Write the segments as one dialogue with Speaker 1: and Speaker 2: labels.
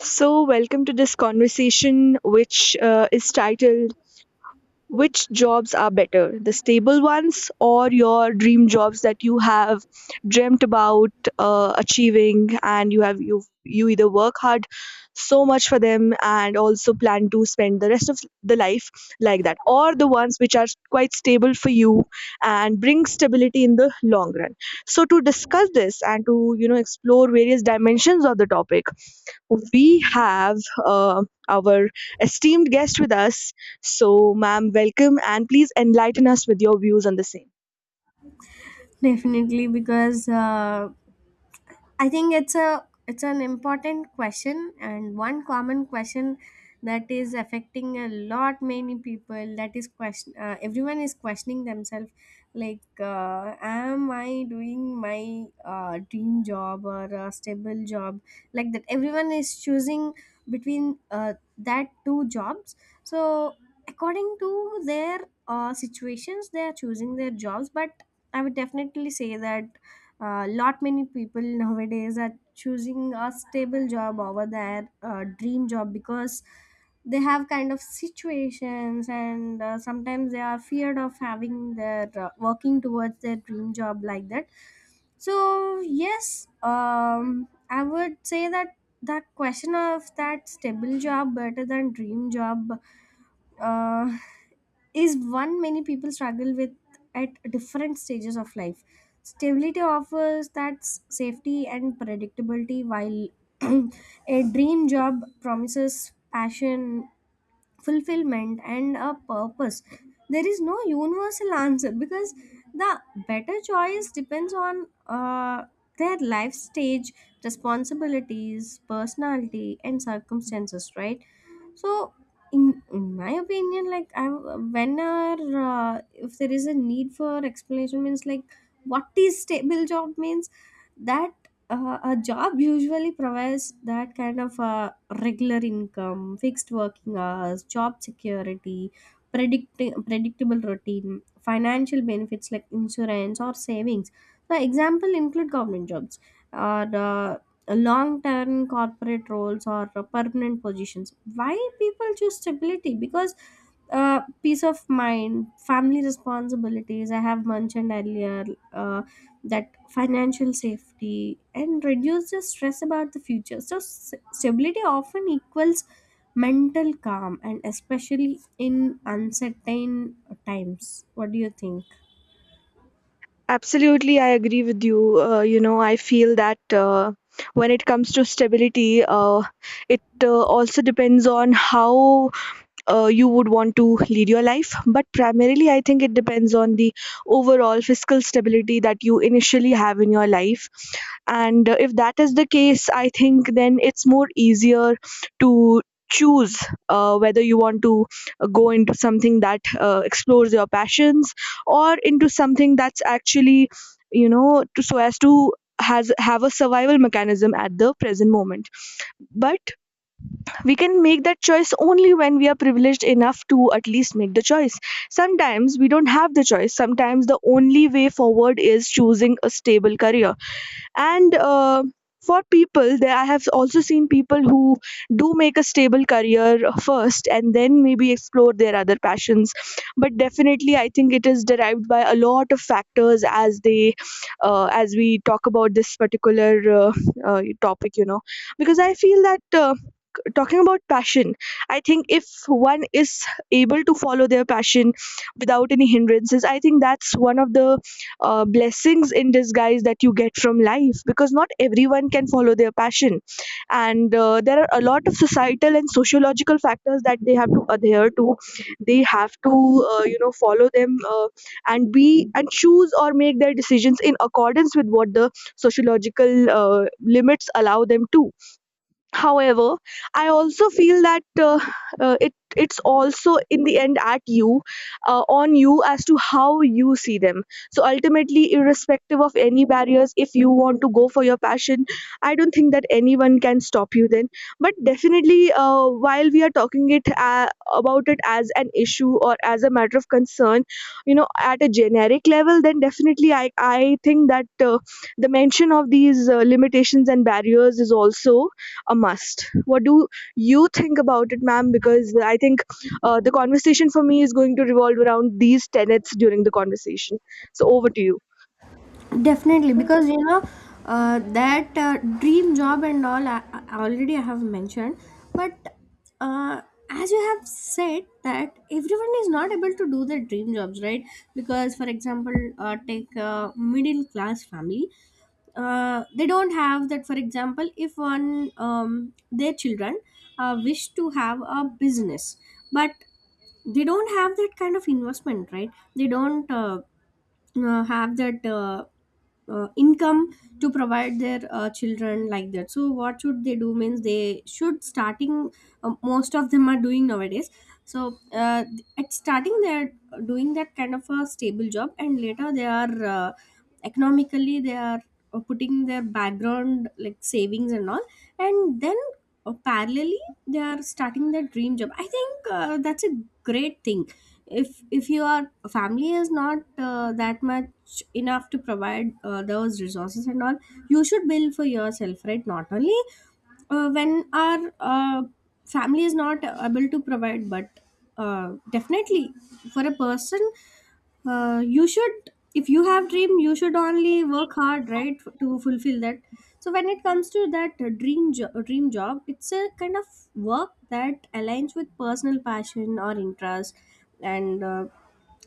Speaker 1: So, welcome to this conversation, which is titled Which Jobs Are Better? The Stable Ones or Your Dream Jobs that you have dreamt about achieving, and you have you you either work hard so much for them and also plan to spend the rest of the life like that, or the ones which are quite stable for you and bring stability in the long run. So to discuss this and to explore various dimensions of the topic, we have uh, our esteemed guest with us. So, ma'am, welcome and please enlighten us with your views on the same.
Speaker 2: Definitely, because I think it's an important question and one common question that is affecting a lot many people, that is question, everyone is questioning themselves like, am I doing my dream job or a stable job, like that everyone is choosing between that two jobs. So according to their situations they are choosing their jobs, but I would definitely say that lot many people nowadays are choosing a stable job over their dream job, because they have kind of situations, and sometimes they are feared of having their working towards their dream job, like that. So yes, I would say that the question of that stable job better than dream job uh, is one many people struggle with at different stages of life. Stability offers that safety and predictability, while a dream job promises passion, fulfillment, and a purpose. There is no universal answer because the better choice depends on their life stage, responsibilities, personality, and circumstances, right? So in my opinion, like I, whenever if there is a need for explanation, means like what is stable job means, that a job usually provides that kind of regular income, fixed working hours, job security, predicting predictable routine, financial benefits like insurance or savings. The example include government jobs or long-term corporate roles or permanent positions. Why people choose stability? Because peace of mind, family responsibilities, I have mentioned earlier, uh, that financial safety and reduce the stress about the future. So stability often equals mental calm, and especially in uncertain times. What do you think?
Speaker 1: Absolutely, I agree with you. You know, I feel that when it comes to stability, it also depends on how you would want to lead your life. But primarily, I think it depends on the overall fiscal stability that you initially have in your life. And if that is the case, I think then it's more easier to choose whether you want to go into something that explores your passions, or into something that's actually, you know, to, so as to has have a survival mechanism at the present moment. But we can make that choice only when we are privileged enough to at least make the choice. Sometimes we don't have the choice, sometimes the only way forward is choosing a stable career. And for people there, I have also seen people who do make a stable career first and then maybe explore their other passions. But definitely I think it is derived by a lot of factors as they as we talk about this particular uh, topic, you know, because I feel that talking about passion, I think if one is able to follow their passion without any hindrances, I think that's one of the blessings in disguise that you get from life, because not everyone can follow their passion. And there are a lot of societal and sociological factors that they have to adhere to. They have to you know follow them, and be and choose or make their decisions in accordance with what the sociological limits allow them to. However, I also feel that it it's also in the end at you, on you as to how you see them. So ultimately, irrespective of any barriers, if you want to go for your passion, I don't think that anyone can stop you then. But definitely, while we are talking it about it as an issue or as a matter of concern, you know, at a generic level, then definitely i think that the mention of these limitations and barriers is also a must. What do you think about it, ma'am? Because I think the conversation for me is going to revolve around these tenets during the conversation. So, over to you.
Speaker 2: Definitely, because you know that dream job and all. I already, I have mentioned, but uh, as you have said that everyone is not able to do their dream jobs, right? Because, for example, take a middle class family. They don't have that. For example, if one, their children wish to have a business, but they don't have that kind of investment, right? They don't. Have that income to provide their children, like that. So what should they do means they should starting, most of them are doing nowadays. So at starting they're doing that kind of a stable job, and later they are economically they are putting their background like savings and all, and then parallelly they are starting their dream job. I think that's a great thing. If your family is not that much enough to provide those resources and all, you should build for yourself, right? Not only when our family is not able to provide, but definitely for a person you should, if you have dream you should only work hard, right, to fulfill that. So when it comes to that dream job, it's a kind of work that aligns with personal passion or interest, and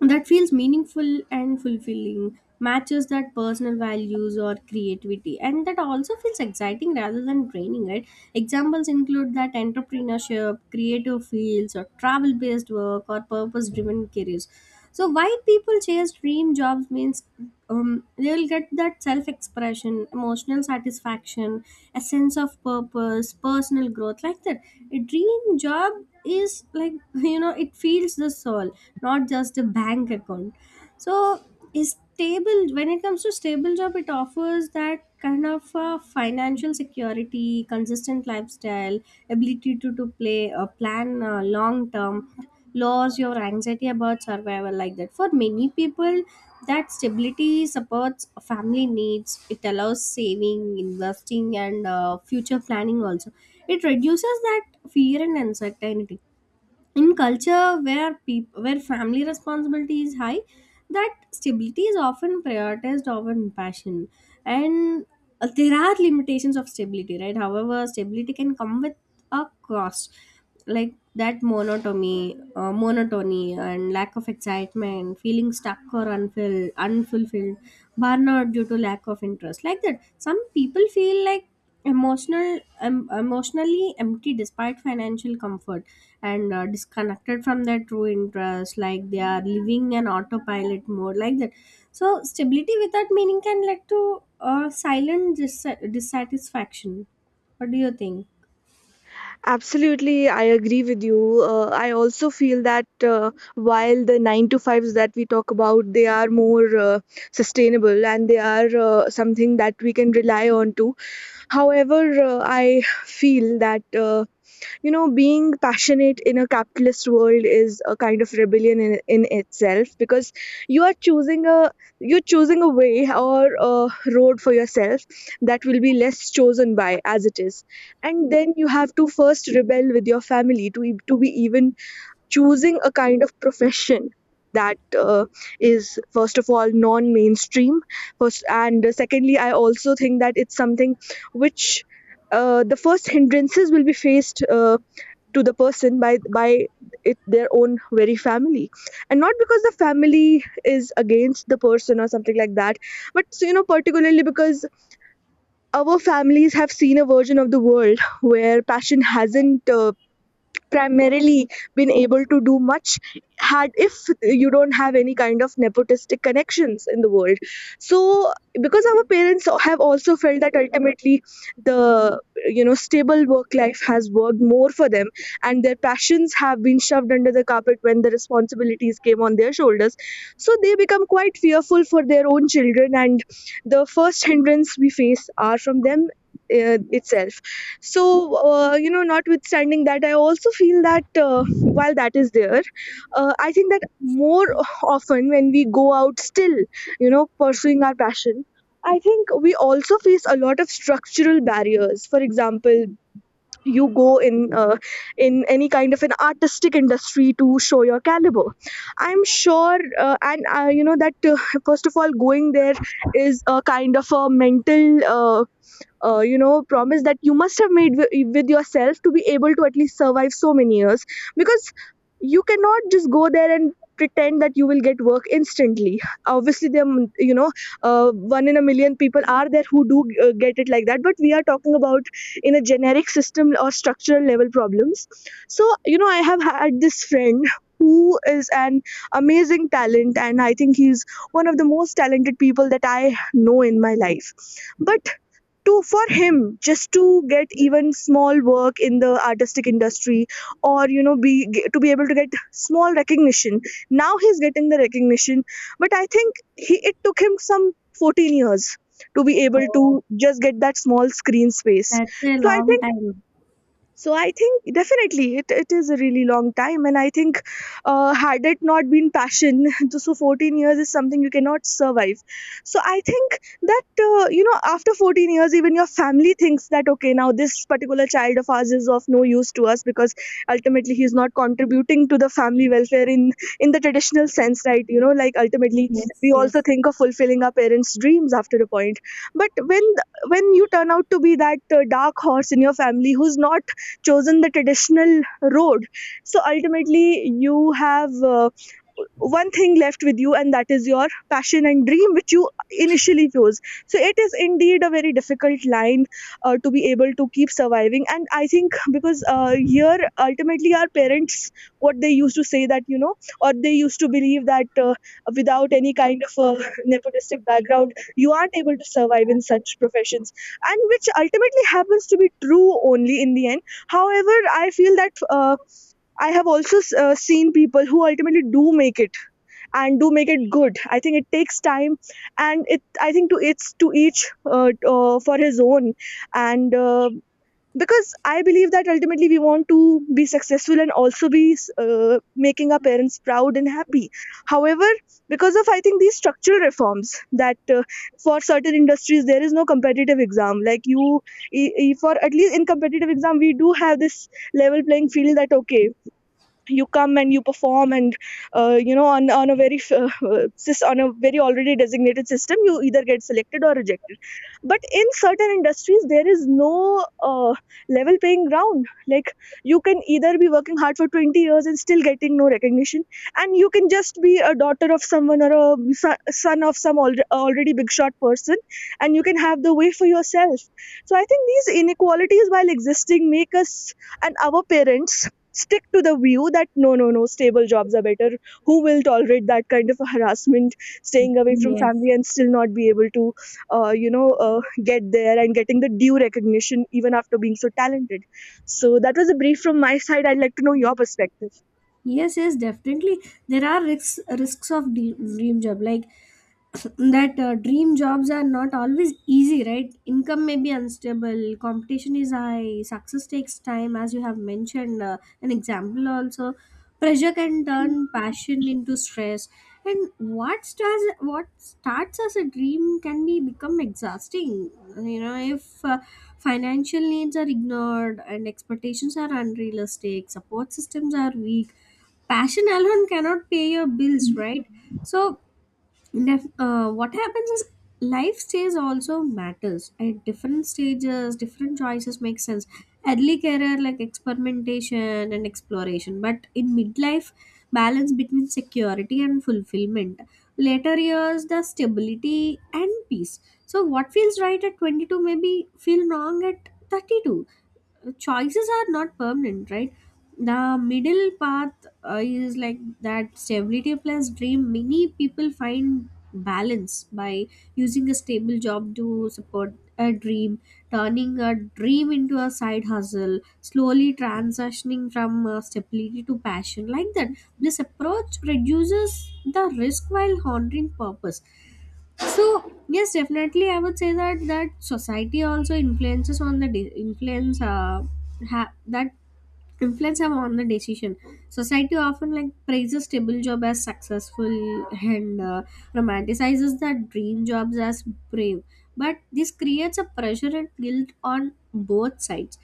Speaker 2: that feels meaningful and fulfilling, matches that personal values or creativity, and that also feels exciting rather than draining, right? Examples include that entrepreneurship, creative fields, or travel based work, or purpose driven careers. So why people chase dream jobs means they'll get that self-expression, emotional satisfaction, a sense of purpose, personal growth, like that. A dream job is like, you know, it feeds the soul, not just a bank account. So is stable, when it comes to stable job, it offers that kind of financial security, consistent lifestyle, ability to play plan long term loss, your anxiety about survival, like that. For many people, that stability supports family needs. It allows saving, investing, and future planning also. It reduces that fear and uncertainty in culture where where family responsibility is high, that stability is often prioritized over passion. And there are limitations of stability, right? However, stability can come with a cost, like that monotony, and lack of excitement, feeling stuck or unfulfilled, burnout due to lack of interest, like that. Some people feel like emotional, emotionally empty despite financial comfort, and disconnected from their true interests, like they are living an autopilot mode, like that. So stability without meaning can lead to silent dissatisfaction. What do you think?
Speaker 1: Absolutely, I agree with you. I also feel that while the 9 to 5s that we talk about, they are more sustainable, and they are something that we can rely on to. However, I feel that. You know, being passionate in a capitalist world is a kind of rebellion in itself, because you are choosing a you're choosing a way or a road for yourself that will be less chosen by, as it is. And then you have to first rebel with your family to to be even choosing a kind of profession that is first of all non mainstream first. And secondly, I also think that it's something which, the first hindrances will be faced to the person by it, their own very family, and not because the family is against the person or something like that. But so, you know, particularly because our families have seen a version of the world where passion hasn't primarily been able to do much, had if you don't have any kind of nepotistic connections in the world. So because our parents have also felt that ultimately, the, you know, stable work life has worked more for them, and their passions have been shoved under the carpet when the responsibilities came on their shoulders. So they become quite fearful for their own children, and the first hindrance we face are from them, itself. So, you know, notwithstanding that, I also feel that while that is there, I think that more often when we go out, still, you know, pursuing our passion, I think we also face a lot of structural barriers. For example, you go in any kind of an artistic industry to show your caliber. I'm sure, and you know that first of all, going there is a kind of a mental. You know, promise that you must have made with yourself to be able to at least survive so many years, because you cannot just go there and pretend that you will get work instantly. Obviously there you know, one in a million people are there who do get it like that, but we are talking about in a generic system or structural level problems. So you know, I have had this friend who is an amazing talent, and I think he's one of the most talented people that I know in my life. But to for him, just to get even small work in the artistic industry, or you know be to be able to get small recognition, now he's getting the recognition, but I think he it took him some 14 years to be able to
Speaker 2: Oh,
Speaker 1: just get that small screen space.
Speaker 2: that's a
Speaker 1: So
Speaker 2: long time.
Speaker 1: I think definitely it is a really long time, and I think had it not been passion, so 14 years is something you cannot survive. So I think that you know, after 14 years, even your family thinks that okay, now this particular child of ours is of no use to us, because ultimately he is not contributing to the family welfare in the traditional sense, right? You know, like ultimately
Speaker 2: Yes,
Speaker 1: we also
Speaker 2: yes,
Speaker 1: think of fulfilling our parents' dreams after a point, but when you turn out to be that dark horse in your family who's not chosen the traditional road, so ultimately you have one thing left with you, and that is your passion and dream which you initially chose. So it is indeed a very difficult line to be able to keep surviving, and I think because here ultimately our parents, what they used to say that you know, or they used to believe that without any kind of a nepotistic background, you aren't able to survive in such professions, and which ultimately happens to be true only in the end. However, I feel that i have also seen people who ultimately do make it, and do make it good. I think it takes time, and it I think to it's to each for his own. And because I believe that ultimately we want to be successful and also be making our parents proud and happy. However, because of I think these structural reforms, that for certain industries there is no competitive exam, like you, for at least in competitive exam we do have this level playing field, that okay, you come and you perform, and you know, on a very on a very already designated system, you either get selected or rejected. But in certain industries there is no level playing ground. Like, you can either be working hard for 20 years and still getting no recognition, and you can just be a daughter of someone or a son of some already big shot person, and you can have the way for yourself. So I think these inequalities, while existing, make us and our parents stick to the view that no, stable jobs are better. Who will tolerate that kind of harassment, staying away from
Speaker 2: yes,
Speaker 1: family, and still not be able to you know get there and getting the due recognition even after being so talented? So that was a brief from my side, I'd like to know your perspective.
Speaker 2: yes, yes, definitely. There are risks, risks of dream job, like that. Dream jobs are not always easy, right? Income may be unstable, competition is high, success takes time, as you have mentioned. An example also, pressure can turn passion into stress, and what starts as a dream can be become exhausting. You know, if financial needs are ignored and expectations are unrealistic, support systems are weak, passion alone cannot pay your bills, right? So what happens is life stage also matters. At different stages different choices make sense. Early career like experimentation and exploration, but in midlife balance between security and fulfillment, later years the stability and peace. So what feels right at 22 maybe feel wrong at 32. Choices are not permanent, right? The middle path is like that stability plus dream. Many people find balance by using a stable job to support a dream, turning a dream into a side hustle, slowly transitioning from stability to passion, like that. This approach reduces the risk while honoring purpose. So yes, definitely I would say that, that society also influences on the influence, that influence have on the decision. Society often like praises stable job as successful, and romanticizes that dream jobs as brave, but this creates a pressure and guilt on both sides.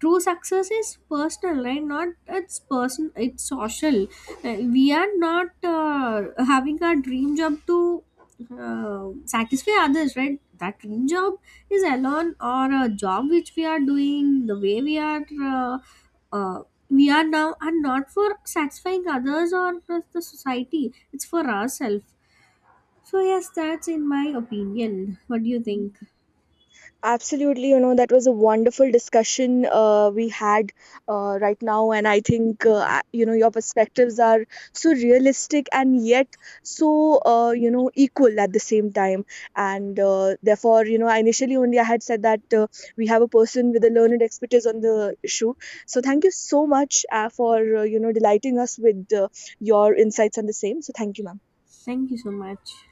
Speaker 2: True success is personal, right? Not, it's person, it's social. We are not having our dream job to satisfy others, right? That dream job is alone, or a job which we are doing the way uh, uh, we are now, are not for satisfying others or the society. It's for ourselves. So yes, that's in my opinion. What do you think?
Speaker 1: Absolutely, you know, that was a wonderful discussion we had right now. And I think, I- you know, your perspectives are so realistic and yet so, you know, equal at the same time. And therefore, you know, I initially only I had said that we have a person with a learned expertise on the issue. So thank you so much for, you know, delighting us with your insights on the same. So thank you, ma'am.
Speaker 2: Thank you so much.